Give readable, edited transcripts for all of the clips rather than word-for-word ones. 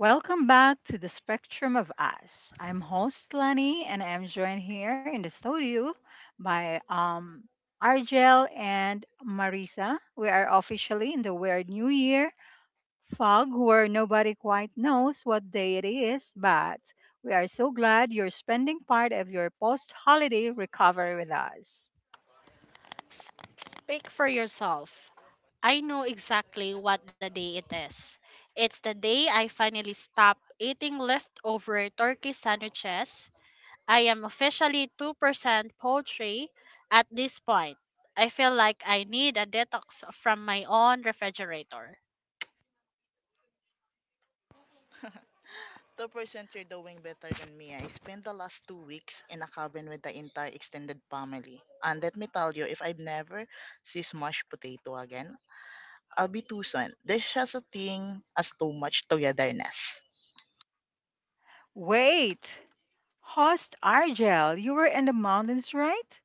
Welcome back to the Spectrum of Us. I'm host Lani, and I'm joined here in the studio by Argel and Marisa. We are officially in the weird new year fog where nobody quite knows what day it is, but we are so glad you're spending part of your post holiday recovery with us. S- Speak for yourself. I know exactly what the day it is. It's the day I finally stop eating leftover turkey sandwiches. I am officially 2% poultry at this point. I feel like I need a detox from my own refrigerator. 2%, you're doing better than me. I spent the last 2 weeks in a cabin with the entire extended family. And let me tell you, if I never see smashed potato again, I'll be too soon. There's just a thing as too much togetherness. Wait, host Argel, you were in the mountains, right?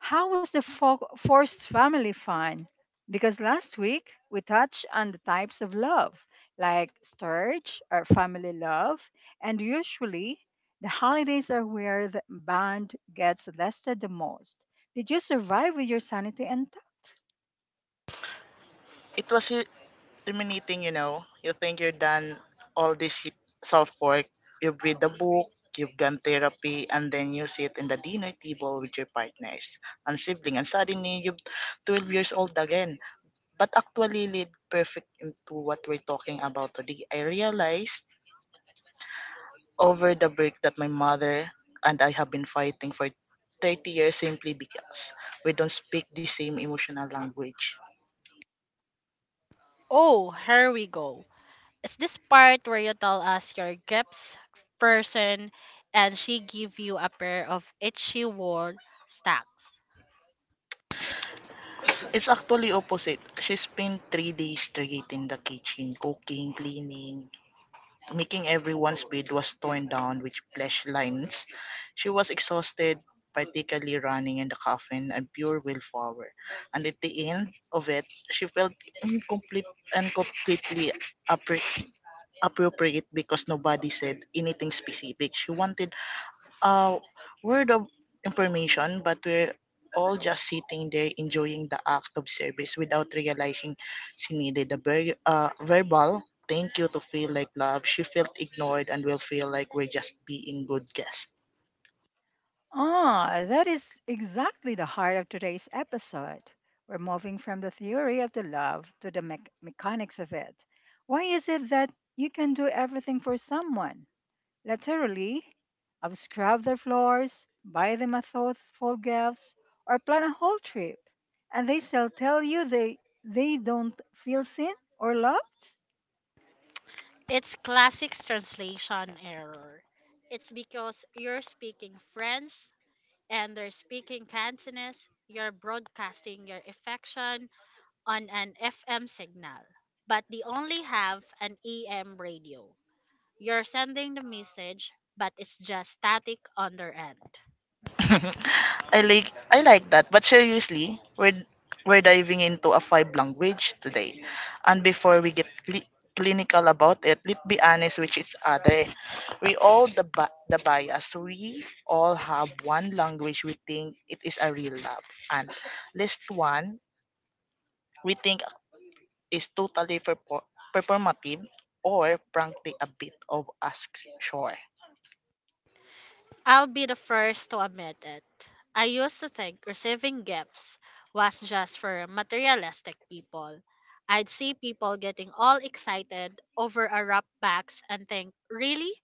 How was the forced family fun? Because last week we touched on the types of love, like storage or family love, and usually the holidays are where the bond gets tested the most. Did you survive with your sanity intact? It was ruminating, you know. You think you're done all this self-work. You've read the book, you've done therapy, and then you sit in the dinner table with your partners and sibling, and suddenly you're 12 years old again. But actually lead perfect into what we're talking about today. I realized over the break that my mother and I have been fighting for 30 years simply because we don't speak the same emotional language. Oh, here we go. It's this part where you tell us your gifts person and she give you a pair of itchy wool stacks. It's actually opposite. She spent 3 days straight in the kitchen, cooking, cleaning, making everyone's bed was torn down with flesh lines. She was exhausted, particularly running in the coffin and pure willpower. And at the end of it, she felt incomplete and completely appre- appropriate because nobody said anything specific. She wanted uh, word of information, but we're all just sitting there enjoying the act of service without realizing she needed a verbal thank you to feel like love. She felt ignored and will feel like we're just being good guests. Ah, that is exactly the heart of today's episode. We're moving from the theory of the love to the mechanics of it. Why is it that you can do everything for someone? Laterally, I've scrubbed their floors, buy them a thoughtful gift, or plan a whole trip, and they still tell you they don't feel seen or loved. It's classic translation error. It's because you're speaking French and they're speaking Cantonese, you're broadcasting your affection on an FM signal, but they only have an EM radio. You're sending the message, but it's just static on their end. I like I like that. But seriously, we're diving into a five language today. And before we get clinical about it, let's be honest with each other. We all the bias. We all have one language we think it is a real love, and least one we think is totally performative or frankly a bit of a sure. I'll be the first to admit it. I used to think receiving gifts was just for materialistic people. I'd see people getting all excited over a wrap box and think, really?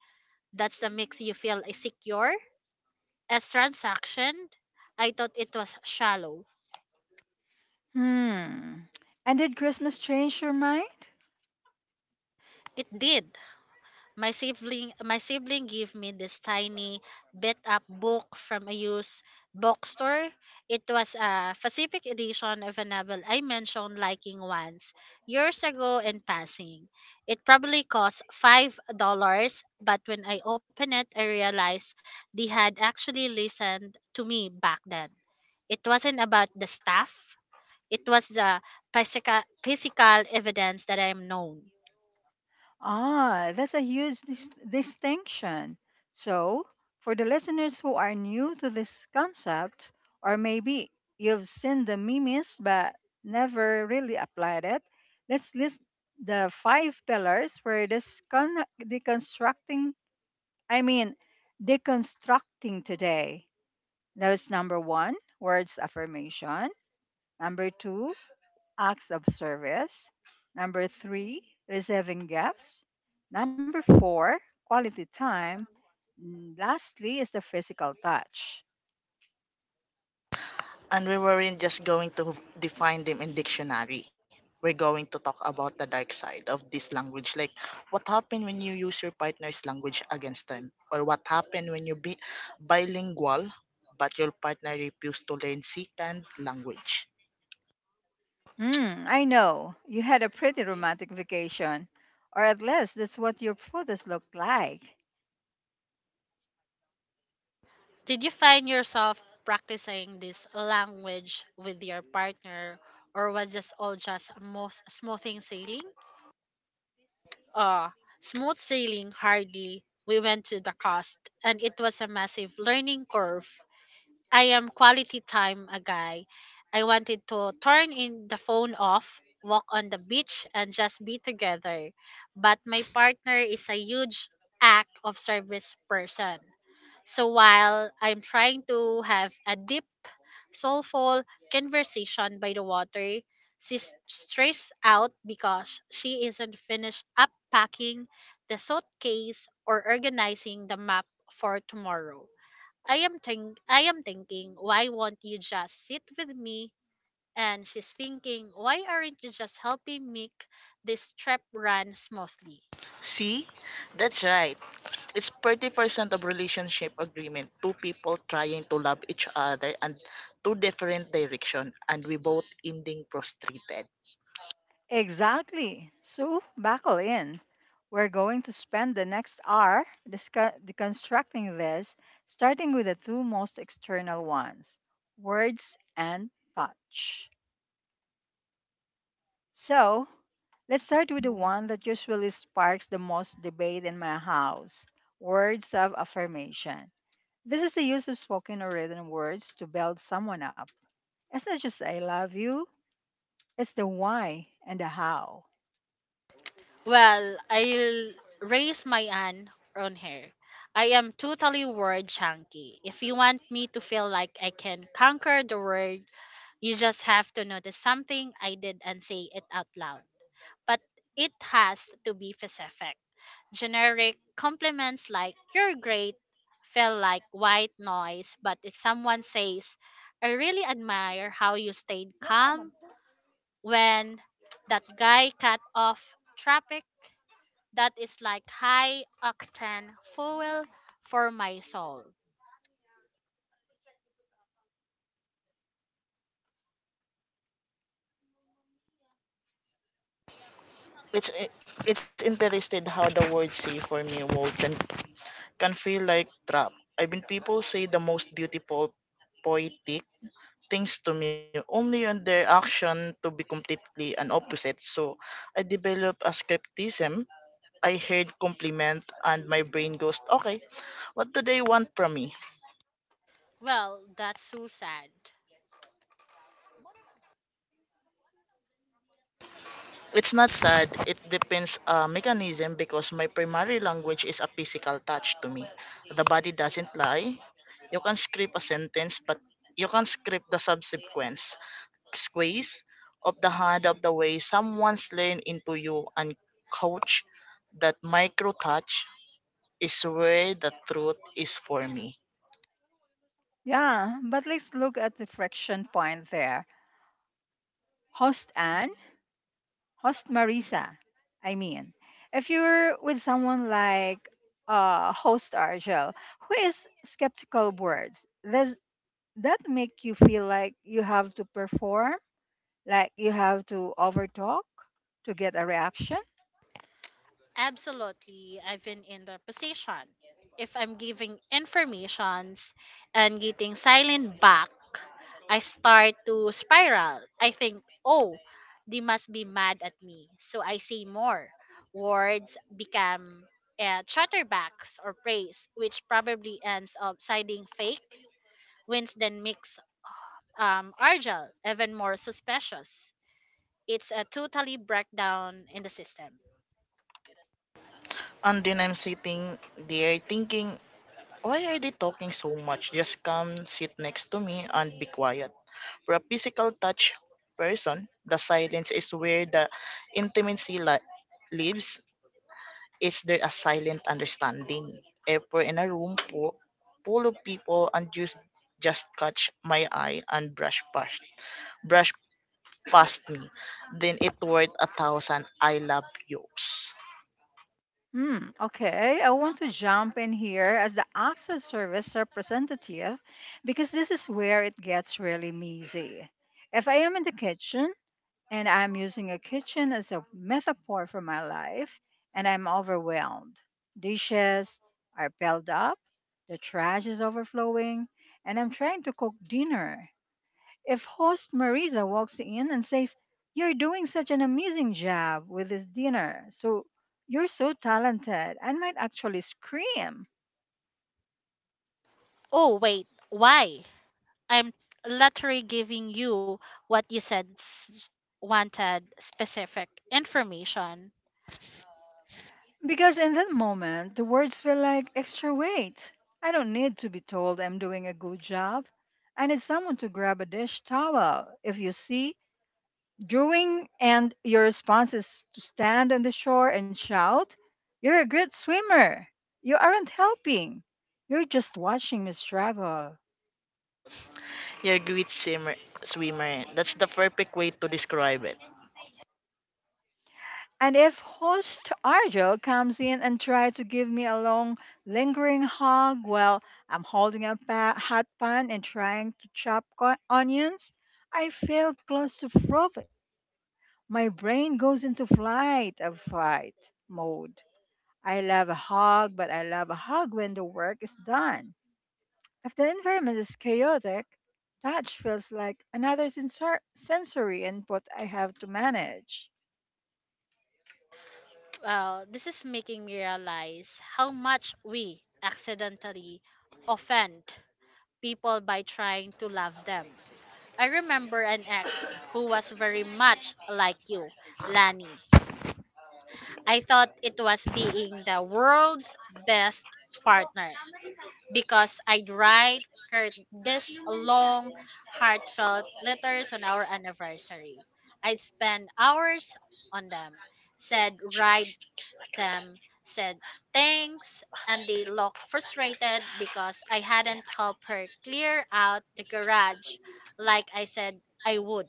That's the makes you feel secure? As transaction? I thought it was shallow. Hmm. And did Christmas change your mind? It did. My sibling gave me this tiny beat up book from a used bookstore. It was a specific edition of a novel I mentioned liking once years ago in passing. It probably cost $5, but when I opened it I realized they had actually listened to me back then. It wasn't about the stuff. It was the physical evidence that I am known. Ah, that's a huge distinction. So, for the listeners who are new to this concept, or maybe you've seen the memes but never really applied it, let's list the five pillars we're I mean, deconstructing today. That was number one, words affirmation. Number two, acts of service. Number three, receiving gifts. Number four, quality time. And lastly is the physical touch. And we weren't just going to define them in dictionary. We're going to talk about the dark side of this language, like what happened when you use your partner's language against them, or what happened when you be bilingual but your partner refused to learn second language. Hmm, I know you had a pretty romantic vacation, or at least that's what your photos looked like. Did you find yourself practicing this language with your partner, or was this all just smooth, smoothing sailing? Uh, smooth sailing hardly. We went to the coast, and it was a massive learning curve. I am quality time a guy. I wanted to turn in the phone off, walk on the beach, and just be together. But my partner is a huge act of service person. So while I'm trying to have a deep soulful conversation by the water. She's stressed out because she isn't finished up packing the suitcase or organizing the map for tomorrow. I am thinking, why won't you just sit with me? And she's thinking, why aren't you just helping make this trip run smoothly? See, that's right. It's 30% of relationship agreement, two people trying to love each other and two different direction, and we both ending frustrated. Exactly. So buckle in. We're going to spend the next hour deconstructing this, starting with the two most external ones words and touch. So, let's start with the one that usually sparks the most debate in my house words of affirmation. This is the use of spoken or written words to build someone up. It's not just I love you, it's the why and the how. Well, I'll raise my hand on her. I am totally word chunky. If you want me to feel like I can conquer the world, you just have to notice something I did and say it out loud. But it has to be specific. Generic compliments like you're great feel like white noise, but if someone says, I really admire how you stayed calm when that guy cut off traffic that is like high octane fuel for my soul. It's i- it's interested how the word "say" for me, Walt, can feel like trap. I mean, people say the most beautiful, poetic things to me, only on their action to be completely an opposite. So I develop a skepticism. I heard compliment and my brain goes, okay, what do they want from me? Well, that's so sad. It's not sad. It depends mechanism because my primary language is a physical touch to me. The body doesn't lie. You can script a sentence, but you can script the subsequence. Squeeze of the hand of the way someone's learn into you and coach that micro touch is where the truth is for me. Yeah, but let's look at the friction point there. Host Anne, host Marisa. I mean, if you're with someone like host Argel, who is skeptical of words, this that make you feel like you have to perform, like you have to overtalk to get a reaction? Absolutely, I've been in the position. If I'm giving informations and getting silent back, I start to spiral. I think, oh, they must be mad at me. So I say more. Words become chatterbacks or praise, which probably ends up siding fake wins than mix Argel even more suspicious. It's a totally breakdown in the system. And then I'm sitting there thinking, why are they talking so much? Just come sit next to me and be quiet. For a physical touch person, the silence is where the intimacy lives. Is there a silent understanding? If we're in a room full of people and you just catch my eye and brush past me, then it worth a thousand I love yous. Hmm, okay, I want to jump in here as the access service representative because this is where it gets really messy. If I am in the kitchen and I'm using a kitchen as a metaphor for my life and I'm overwhelmed, dishes are piled up, the trash is overflowing, and I'm trying to cook dinner. If host Marisa walks in and says, "You're doing such an amazing job with this dinner, so you're so talented," I might actually scream. Oh, wait, why? I'm literally giving you what you said wanted specific information. Because in that moment, the words feel like extra weight. I don't need to be told I'm doing a good job. I need someone to grab a dish towel. If you see drawing and your response is to stand on the shore and shout, "You're a great swimmer." You aren't helping. You're just watching me struggle. Your great swimmer. That's the perfect way to describe it. And if host Argel comes in and tries to give me a long, lingering hug while I'm holding a hot pan and trying to chop onions, I feel claustrophobic. My brain goes into flight or fight mode. I love a hug, but I love a hug when the work is done. If the environment is chaotic, touch feels like another sensory input I have to manage. Well, this is making me realize how much we accidentally offend people by trying to love them. I remember an ex who was very much like you, Lani. I thought it was being the world's best partner because I'd write her this long, heartfelt letters on our anniversary. I'd spend hours on them, said write them, said thanks, and they looked frustrated because I hadn't helped her clear out the garage like I said I would.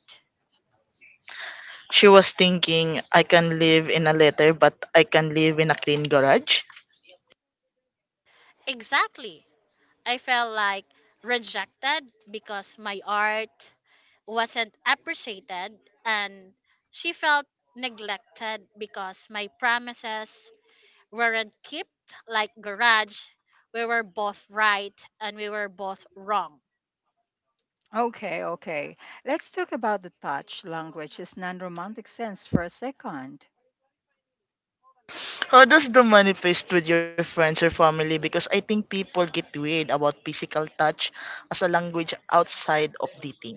She was thinking, I can live in a letter, but I can live in a clean garage. Exactly. I felt like rejected because my art wasn't appreciated and she felt neglected because my promises weren't kept like garage we were both right and we were both wrong Okay, okay. Let's talk about the touch language's non-romantic sense for a second. How does the manifest with your friends or family? Because I think people get weird about physical touch as a language outside of dating.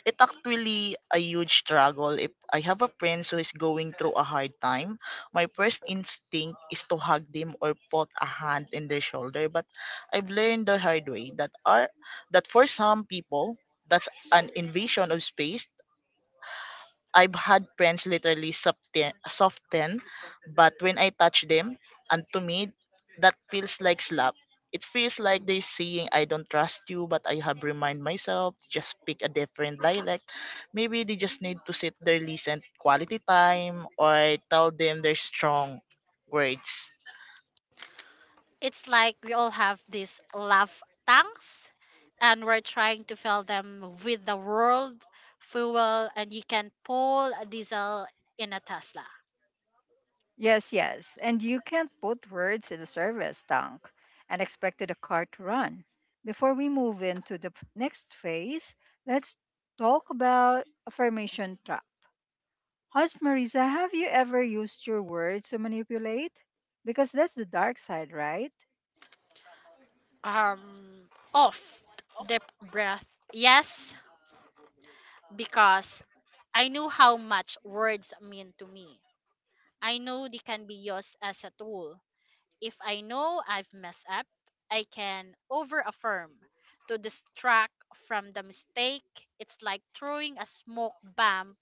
It actually a huge struggle. If I have a friend who is going through a hard time, my first instinct is to hug them or put a hand in their shoulder. But I've learned the hard way that are that for some people that's an invasion of space. I've had friends literally soften, but when I touch them, and to me, that feels like slap. It feels like they saying I don't trust you, but I have remind myself just pick a different dialect. Maybe they just need to sit there, listen, quality time, or I tell them their strong words. it's like we all have these love tanks and we're trying to fill them with the world fuel and you can pull a diesel in a Tesla Yes, yes. And you can't put words in the service tank and expect the car to run. Before we move into the next phase, let's talk about affirmation trap. Hans Marisa, have you ever used your words to manipulate? Because that's the dark side, right? um off the breath. Yes, because I knew how much words mean to me. I know they can be used as a tool. If I know I've messed up, I can overaffirm to distract from the mistake. It's like throwing a smoke bomb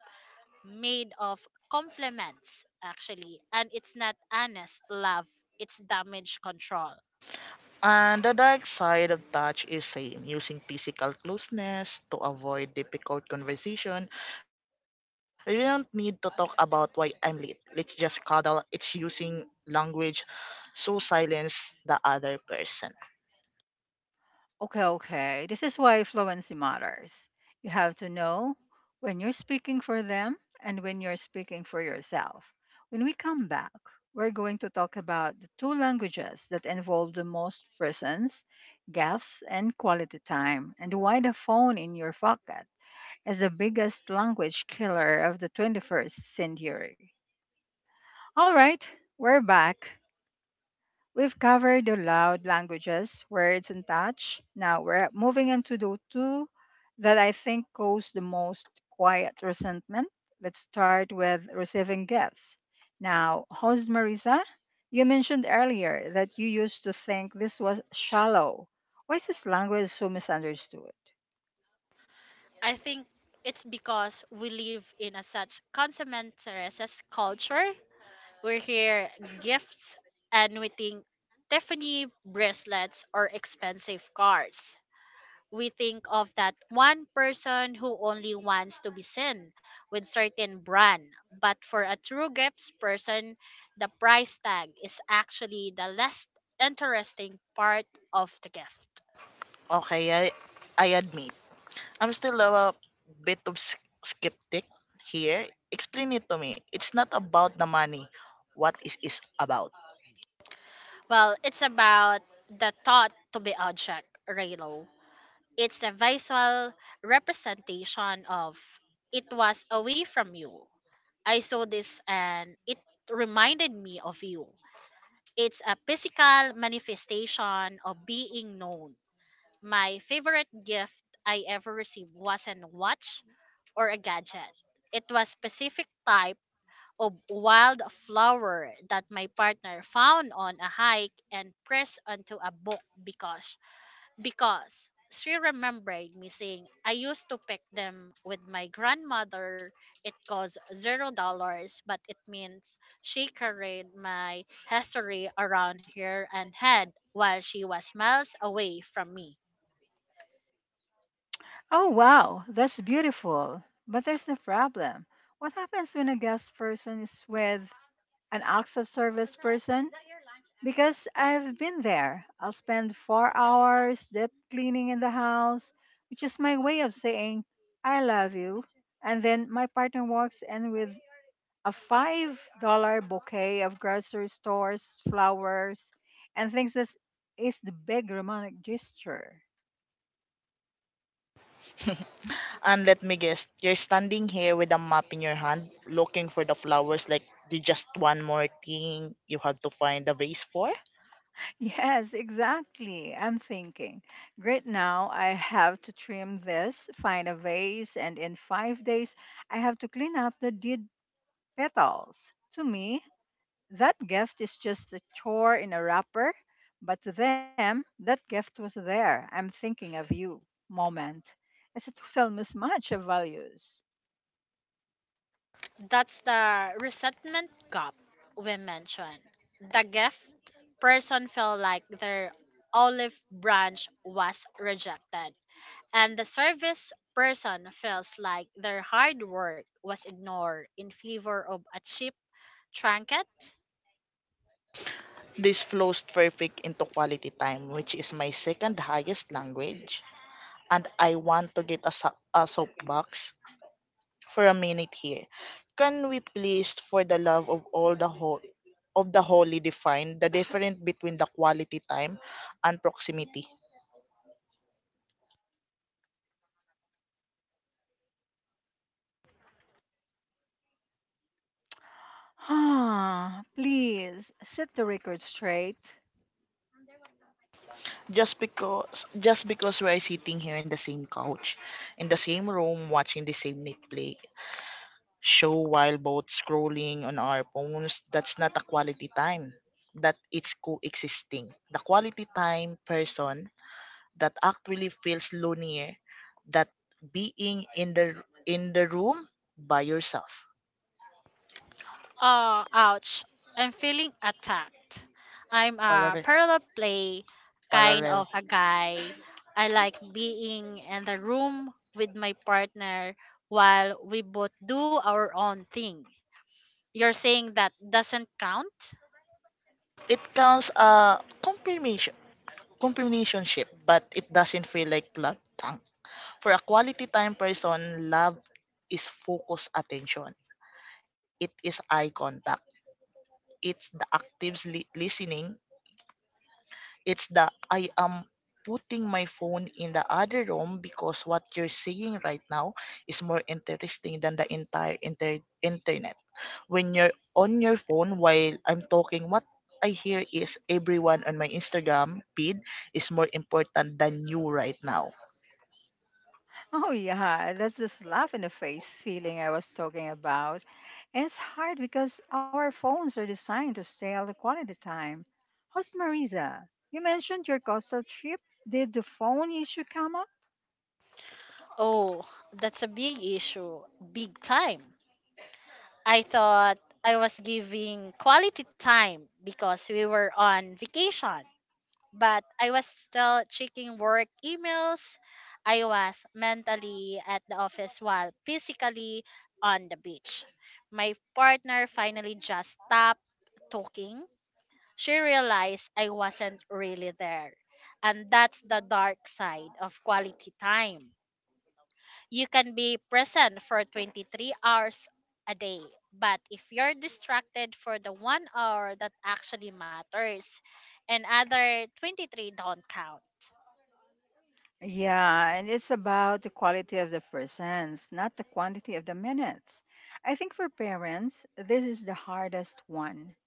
made of compliments, actually, and it's not honest love, it's damage control. And the dark side of touch is same, using physical closeness to avoid difficult conversation. You don't need to talk about why I'm late. Let's just cuddle. It's using language so silence the other person. Okay, okay. This is why fluency matters. You have to know when you're speaking for them and when you're speaking for yourself. When we come back, we're going to talk about the two languages that involve the most persons, gaps, and quality time, and why the phone in your pocket is the biggest language killer of the 21st century. All right, we're back. We've covered the loud languages, words, and touch. Now we're moving into the two that I think cause the most quiet resentment. Let's start with receiving gifts. Now, host Marisa, you mentioned earlier that you used to think this was shallow. Why is this language so misunderstood? I think it's because we live in a such consumerist culture. We hear gifts and we think Tiffany bracelets or expensive cars. We think of that one person who only wants to be seen with certain brand. But for a true gifts person, the price tag is actually the less interesting part of the gift. Okay, I admit. I'm still a bit of skeptic here. Explain it to me. It's not about the money. What is it about? Well, it's about the thought to be object, Raylo. It's a visual representation of it was away from you. I saw this and it reminded me of you. It's a physical manifestation of being known. My favorite gift I ever received wasn't a watch or a gadget. It was specific type of wildflower that my partner found on a hike and pressed onto a book because she remembered me saying I used to pick them with my grandmother. It cost $0, but it means she carried my history around her and head while she was miles away from me. Oh, wow, that's beautiful. But there's the problem. What happens when a guest person is with an acts of service person because I've been there. I'll spend 4 hours deep cleaning in the house, which is my way of saying, I love you. And then my partner walks in with a $5 bouquet of grocery stores, flowers, and thinks this is the big romantic gesture. And let me guess, you're standing here with a map in your hand, looking for the flowers like the just one more thing you had to find a vase for. Yes, exactly. I'm thinking, great now, I have to trim this, find a vase, and in 5 days, I have to clean up the dead petals. To me, that gift is just a chore in a wrapper, but to them, that gift was there. I'm thinking of you moment. It's a total mismatch of values. That's the resentment gap we mentioned. The gift person felt like their olive branch was rejected. And the service person feels like their hard work was ignored in favor of a cheap trinket. This flows perfect into quality time, which is my second highest language. And I want to get a soapbox for a minute here. Can we please, for the love of all the whole of the holy, define the difference between the quality time and proximity? Ah, please set the record straight. just because just because we're sitting here in the same couch in the same room watching the same Netflix show while both scrolling on our phones, that's not a quality time. That it's coexisting. The quality time person that actually feels lonelier that being in the room by yourself. Oh, ouch. I'm feeling attacked. I'm a parallel parallel play kind parallel of a guy. I like being in the room with my partner while we both do our own thing. You're saying that doesn't count? it counts a confirmation confirmation ship, but it doesn't feel like love. For a quality time person, love is focused attention. It is eye contact. It's the active listening. It's the I am putting my phone in the other room because what you're saying right now is more interesting than the entire internet. When you're on your phone while I'm talking, what I hear is everyone on my Instagram feed is more important than you right now. Oh, yeah, that's this laugh in the face feeling I was talking about. And it's hard because our phones are designed to steal the quality time. Host Marisa, you mentioned your coastal trip. Did the phone issue come up? Oh, that's a big issue. Big time. I thought I was giving quality time because we were on vacation, but I was still checking work emails. I was mentally at the office while physically on the beach. My partner finally just stopped talking. She realized I wasn't really there. And that's the dark side of quality time you can be present for 23 hours a day. But if you're distracted for the one hour that actually matters, and other 23 don't count. Yeah, and it's about the quality of the persons, not the quantity of the minutes. I think for parents, this is the hardest one.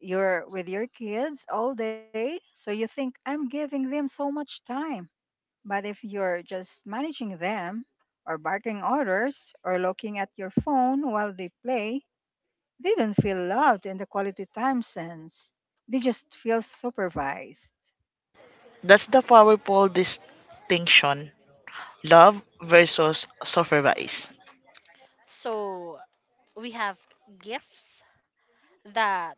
You're with your kids all day, so you think I'm giving them so much time. But if you're just managing them, or barking orders, or looking at your phone while they play, they don't feel loved in the quality time sense. They just feel supervised. That's the powerful distinction. Love versus surveillance. So we have gifts that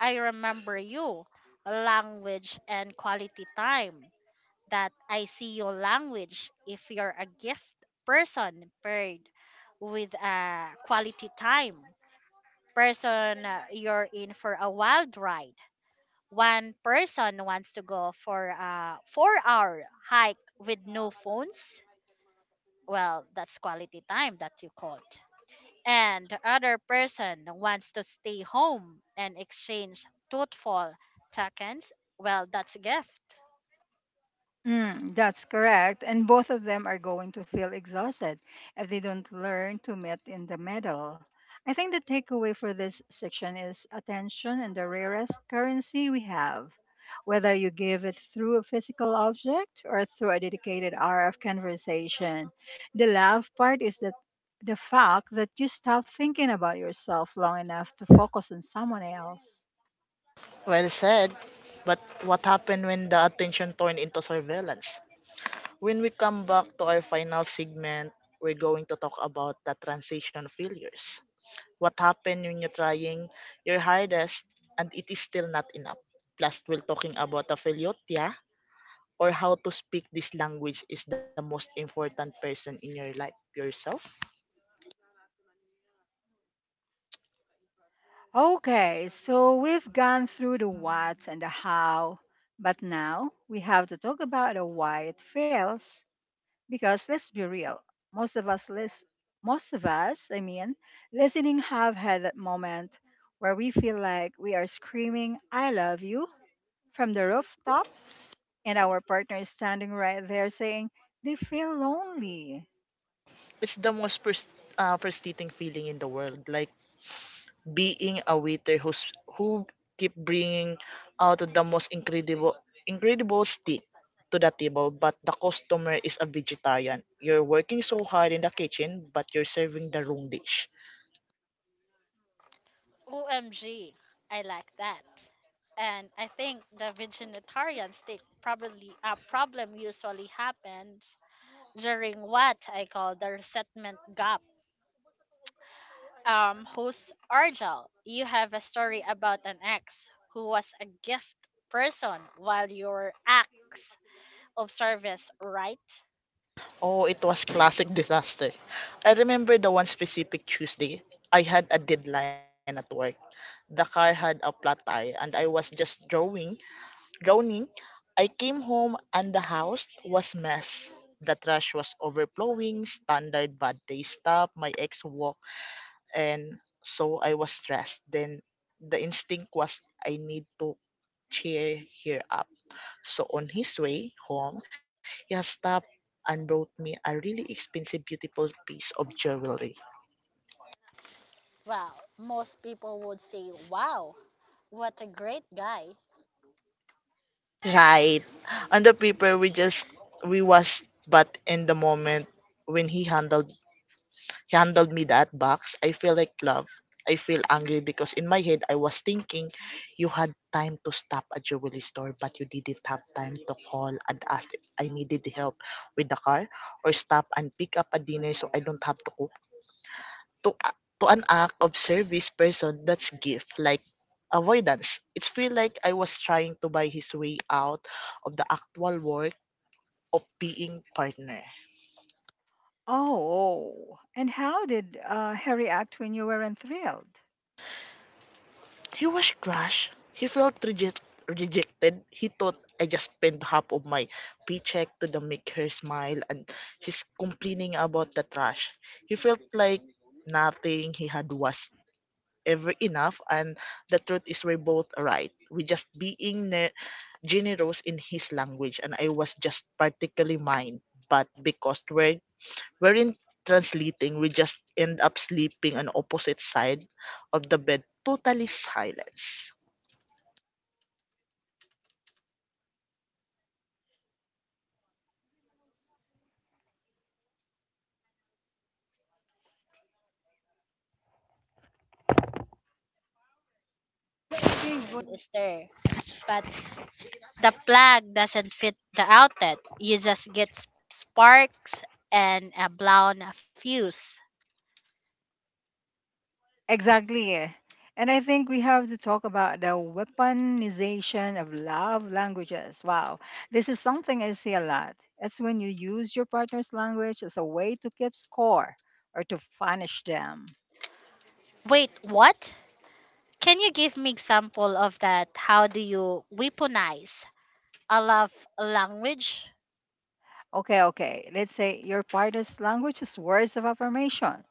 I remember you, language and quality time that I see your language if you're a gift person paired with a quality time person you're in for a wild ride. One person wants to go for a 4 hour hike with no phones. Well, that's quality time that you called. And the other person wants to stay home and exchange thoughtful tokens. Well, that's a gift. Mm, that's correct. And both of them are going to feel exhausted if they don't learn to meet in the middle. I think the takeaway for this section is attention and the rarest currency we have. Whether you give it through a physical object or through a dedicated hour of conversation, the love part is that the fact that you stop thinking about yourself long enough to focus on someone else. Well said. But what happened when the attention turned into surveillance? When we come back to our final segment, we're going to talk about the transition failures. What happened when you're trying your hardest and it is still not enough? Plus, we're talking about the failure, yeah? Or how to speak this language is the most important person in your life, yourself. Okay, so we've gone through the what and the how, but now we have to talk about the why it fails. Because let's be real, most of us, most of us, I mean, listening, have had that moment where we feel like we are screaming, "I love you" from the rooftops, and our partner is standing right there saying they feel lonely. It's the most frustrating feeling in the world. Like, being a waiter who keep bringing out the most incredible steak to the table but the customer is a vegetarian. You're working so hard in the kitchen but you're serving the wrong dish. OMG, I like that. And I think the vegetarian stick probably a problem usually happens during what I call the resentment gap. Host Argel, you have a story about an ex who was a gift person while you were acts of service, right? Oh, it was classic disaster. I remember the one specific Tuesday. I had a deadline at work, the car had a flat tire, and I was just drawing Drowning, I came home and the house was mess. The trash was overflowing, standard bad day stuff, my ex walk and so I was stressed. Then the instinct was I need to cheer her up. So on his way home, he has stopped and brought me a really expensive, beautiful piece of jewelry. Well, most people would say, wow, what a great guy. Right. On the paper we was but in the moment when he handled handed me that box, I feel like love. I feel angry because in my head I was thinking you had time to stop at jewelry store but you didn't have time to call and ask if I needed help with the car or stop and pick up a dinner so I don't have to cook. To an act of service person that's gift like avoidance. It's feel like I was trying to buy his way out of the actual work of being partner. Oh, and how did he react when you weren't thrilled? He was crushed. He felt rejected. He thought I just spent half of my paycheck to the make her smile and he's complaining about the trash. He felt like nothing he had was ever enough and the truth is we're both right. We just being generous in his language and I was just particularly mine. But because we're in translating, we just end up sleeping on opposite side of the bed, totally silence. Well, that's, I think, called European hair dryer. Analogy you used earlier, host Alani. The power is there, the lantern is there, but the plug doesn't fit the outlet. You just get sparks and a blown fuse. Exactly. And I think we have to talk about the weaponization of love languages. Wow. This is something I see a lot. It's when you use your partner's language as a way to keep score or to punish them. Wait, what? Can you give me example of that? How do you weaponize a love language? Okay, okay. Let's say your partner's language is words of affirmation.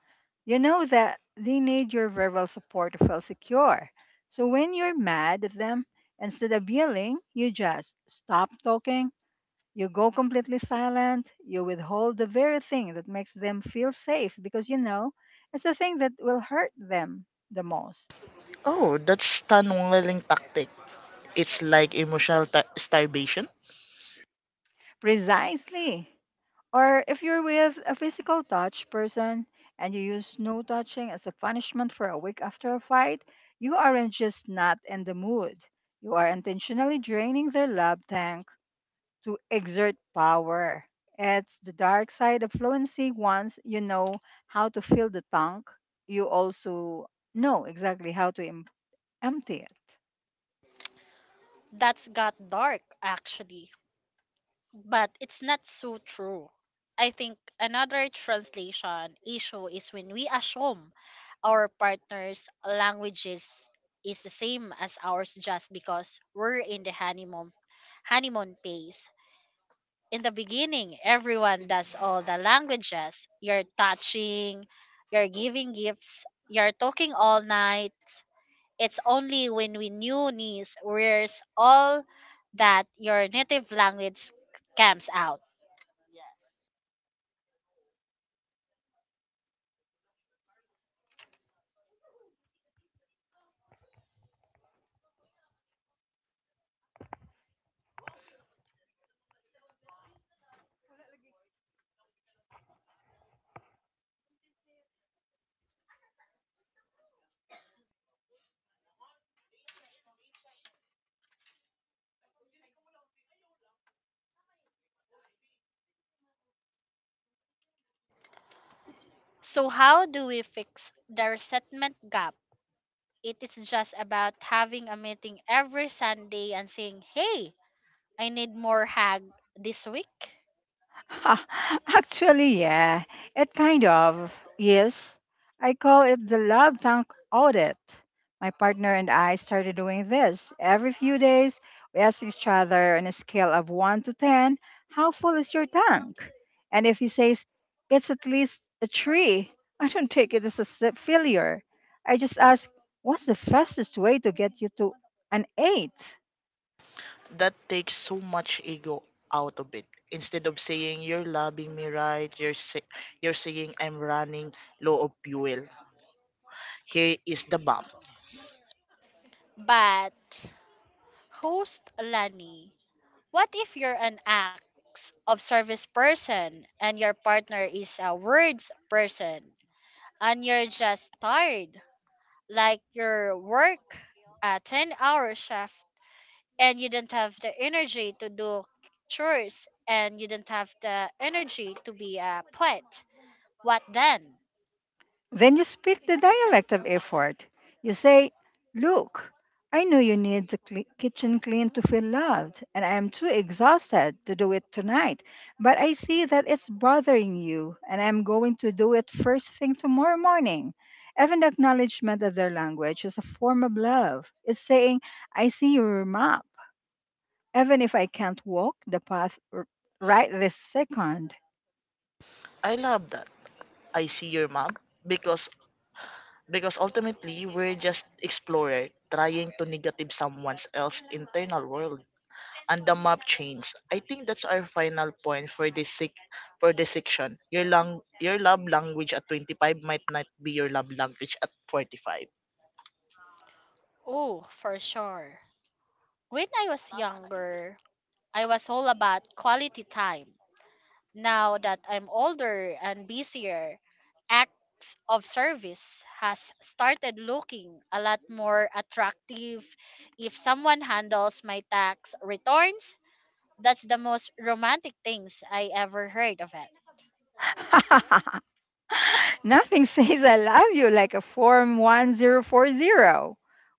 You know that they need your verbal support to feel secure. So when you're mad at them, instead of yelling, you just stop talking. You go completely silent. You withhold the very thing that makes them feel safe because you know it's the thing that will hurt them the most. Oh, that's tunneling tactic. It's like emotional starvation. Precisely. Or if you're with a physical touch person and you use no touching as a punishment for a week after a fight, you aren't just not in the mood. You are intentionally draining their love tank to exert power. It's the dark side of fluency. Once you know how to fill the tank, you also know exactly how to empty it. That's got dark actually. But it's not so true. I think another translation issue is when we assume our partner's languages is the same as ours just because we're in the honeymoon phase. In the beginning, everyone does all the languages. You're touching, you're giving gifts, you're talking all night. It's only when we new niece wears all that your native language comes out. Yes, and that's when people see you've changed, but you haven't changed. You've just act. You've just acting. You've settled into your natural state. The real work of relationship is learning a speak a second language even when you're tired. So, how do we fix the resentment gap? It is just about having a meeting every Sunday and saying, hey, I need more hag this week. Actually, yeah, it kind of is. I call it the love tank audit. My partner and I started doing this. Every few days, we ask each other on a scale of 1 to 10, how full is your tank? And if he says, it's at least a 3, I don't take it as a failure. I just ask, what's the fastest way to get you to an 8? That takes so much ego out of it. Instead of saying you're loving me right, you're saying I'm running low of fuel. Here is the map. But, host Lani, what if you're an acts of service person and your partner is a words person and you're just tired? Like your work a 10-hour shift and you don't have the energy to do chores and you don't have the energy to be a pet. What then? Then you speak the dialect of effort. You say, "Look, I know you need the kitchen clean to feel loved, and I am too exhausted to do it tonight. But I see that it's bothering you, and I'm going to do it first thing tomorrow morning." Even the acknowledgement of their language is a form of love. It's saying, "I see your map. Even if I can't walk the path right this second." I love that. I see your map because ultimately we're just explorer trying to negative someone else's internal world and the map changes. I think that's our final point for this section. Your love language at 25 might not be your love language at 45. Oh, for sure when I was younger I was all about quality time now that I'm older and busier acts of service has started looking a lot more attractive if someone handles my tax returns that's the most romantic things I ever heard of it. Nothing says I love you like a Form 1040.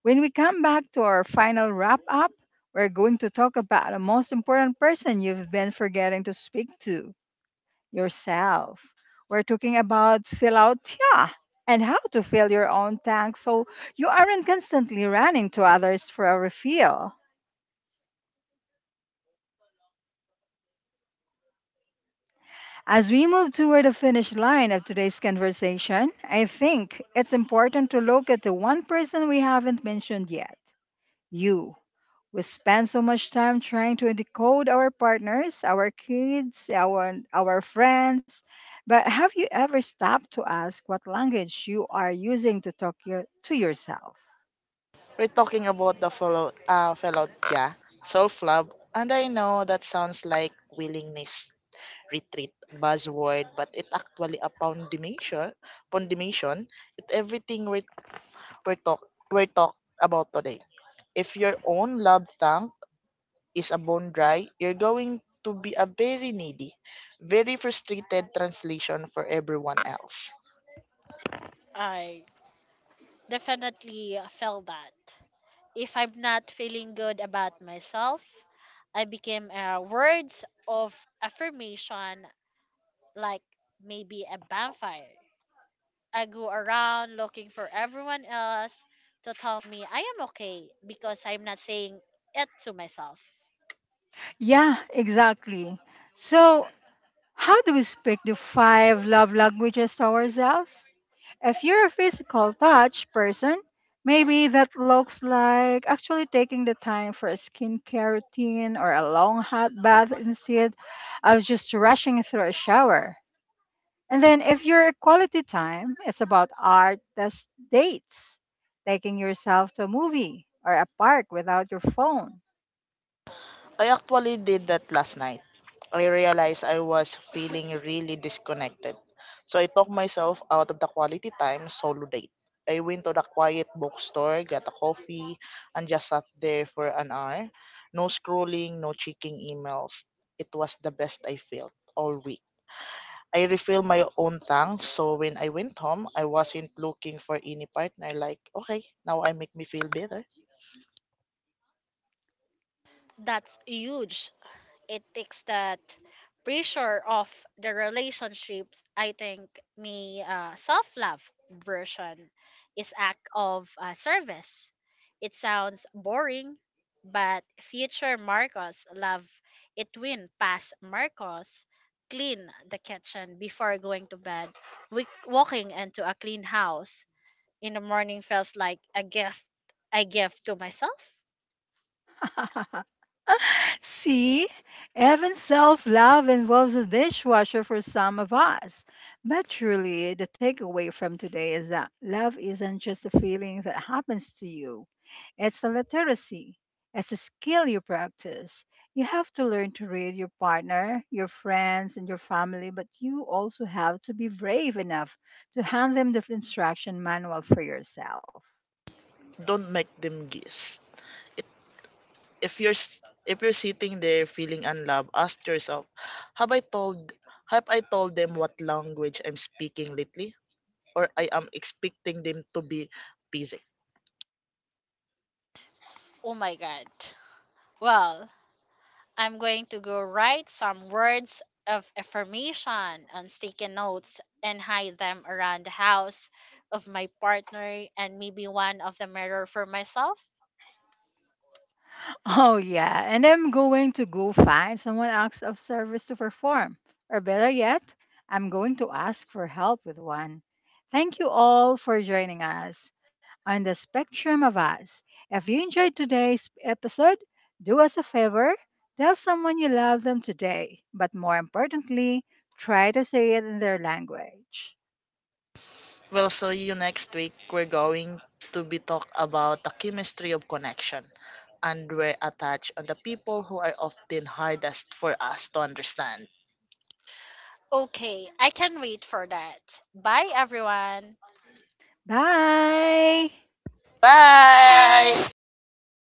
When we come back to our final wrap up, we're going to talk about the most important person you've been forgetting to speak to yourself. We're talking about fill out yeah, and how to fill your own tank so you aren't constantly running to others for a refill. As we move toward the finish line of today's conversation, I think it's important to look at the one person we haven't mentioned yet You. We spend so much time trying to decode our partners, our kids, our friends. But have you ever stopped to ask what language you are using to talk your, to yourself? We're talking about the fellow, yeah, self love. And I know that sounds like willingness retreat buzzword, but it actually a foundation. It everything we talk we talk about today. If your own love tank is a bone dry, you're going to be a very needy, very frustrated translation for everyone else. I definitely felt that. If I'm not feeling good about myself, I became words of affirmation like maybe a bonfire. I go around looking for everyone else to tell me I am okay because I'm not saying it to myself. Yeah, exactly. So, how do we speak the five love languages to ourselves? If you're a physical touch person, maybe that looks like actually taking the time for a skincare routine or a long hot bath instead of just rushing through a shower. And then if you're a quality time, it's about art that's dates, taking yourself to a movie or a park without your phone. I actually did that last night. I realized I was feeling really disconnected. So I took myself out of the quality time solo date. I went to the quiet bookstore, got a coffee, and just sat there for an hour. No scrolling, no checking emails. It was the best I felt all week. I refilled my own tank, so when I went home, I wasn't looking for any partner. Like, okay, now I make me feel better. That's huge it takes that pressure of the relationships I think me self-love version is act of service it sounds boring but future Marcos love it when past Marcos clean the kitchen before going to bed. We walking into a clean house in the morning feels like a gift I give to myself. See, even self love involves a dishwasher for some of us. But truly, the takeaway from today is that love isn't just a feeling that happens to you, it's a literacy, it's a skill you practice. You have to learn to read your partner, your friends, and your family, but you also have to be brave enough to hand them the instruction manual for yourself. Don't make them guess. It if if you're sitting there feeling unloved, ask yourself, have I told have I told them what language I'm speaking lately, or I am expecting them to be busy. Oh my god, well I'm going to go write some words of affirmation on sticky notes and hide them around the house of my partner and maybe one of the mirror for myself. Oh, yeah. And I'm going to go find someone else of service to perform. Or better yet, I'm going to ask for help with one. Thank you all for joining us on the spectrum of us. If you enjoyed today's episode, do us a favor tell someone you love them today. But more importantly, try to say it in their language. We'll see you next week. We're going to be talk about the chemistry of connection and we're attached on the people who are often hardest for us to understand. Okay, I can wait for that. Bye everyone. Bye! Bye. Bye. See you next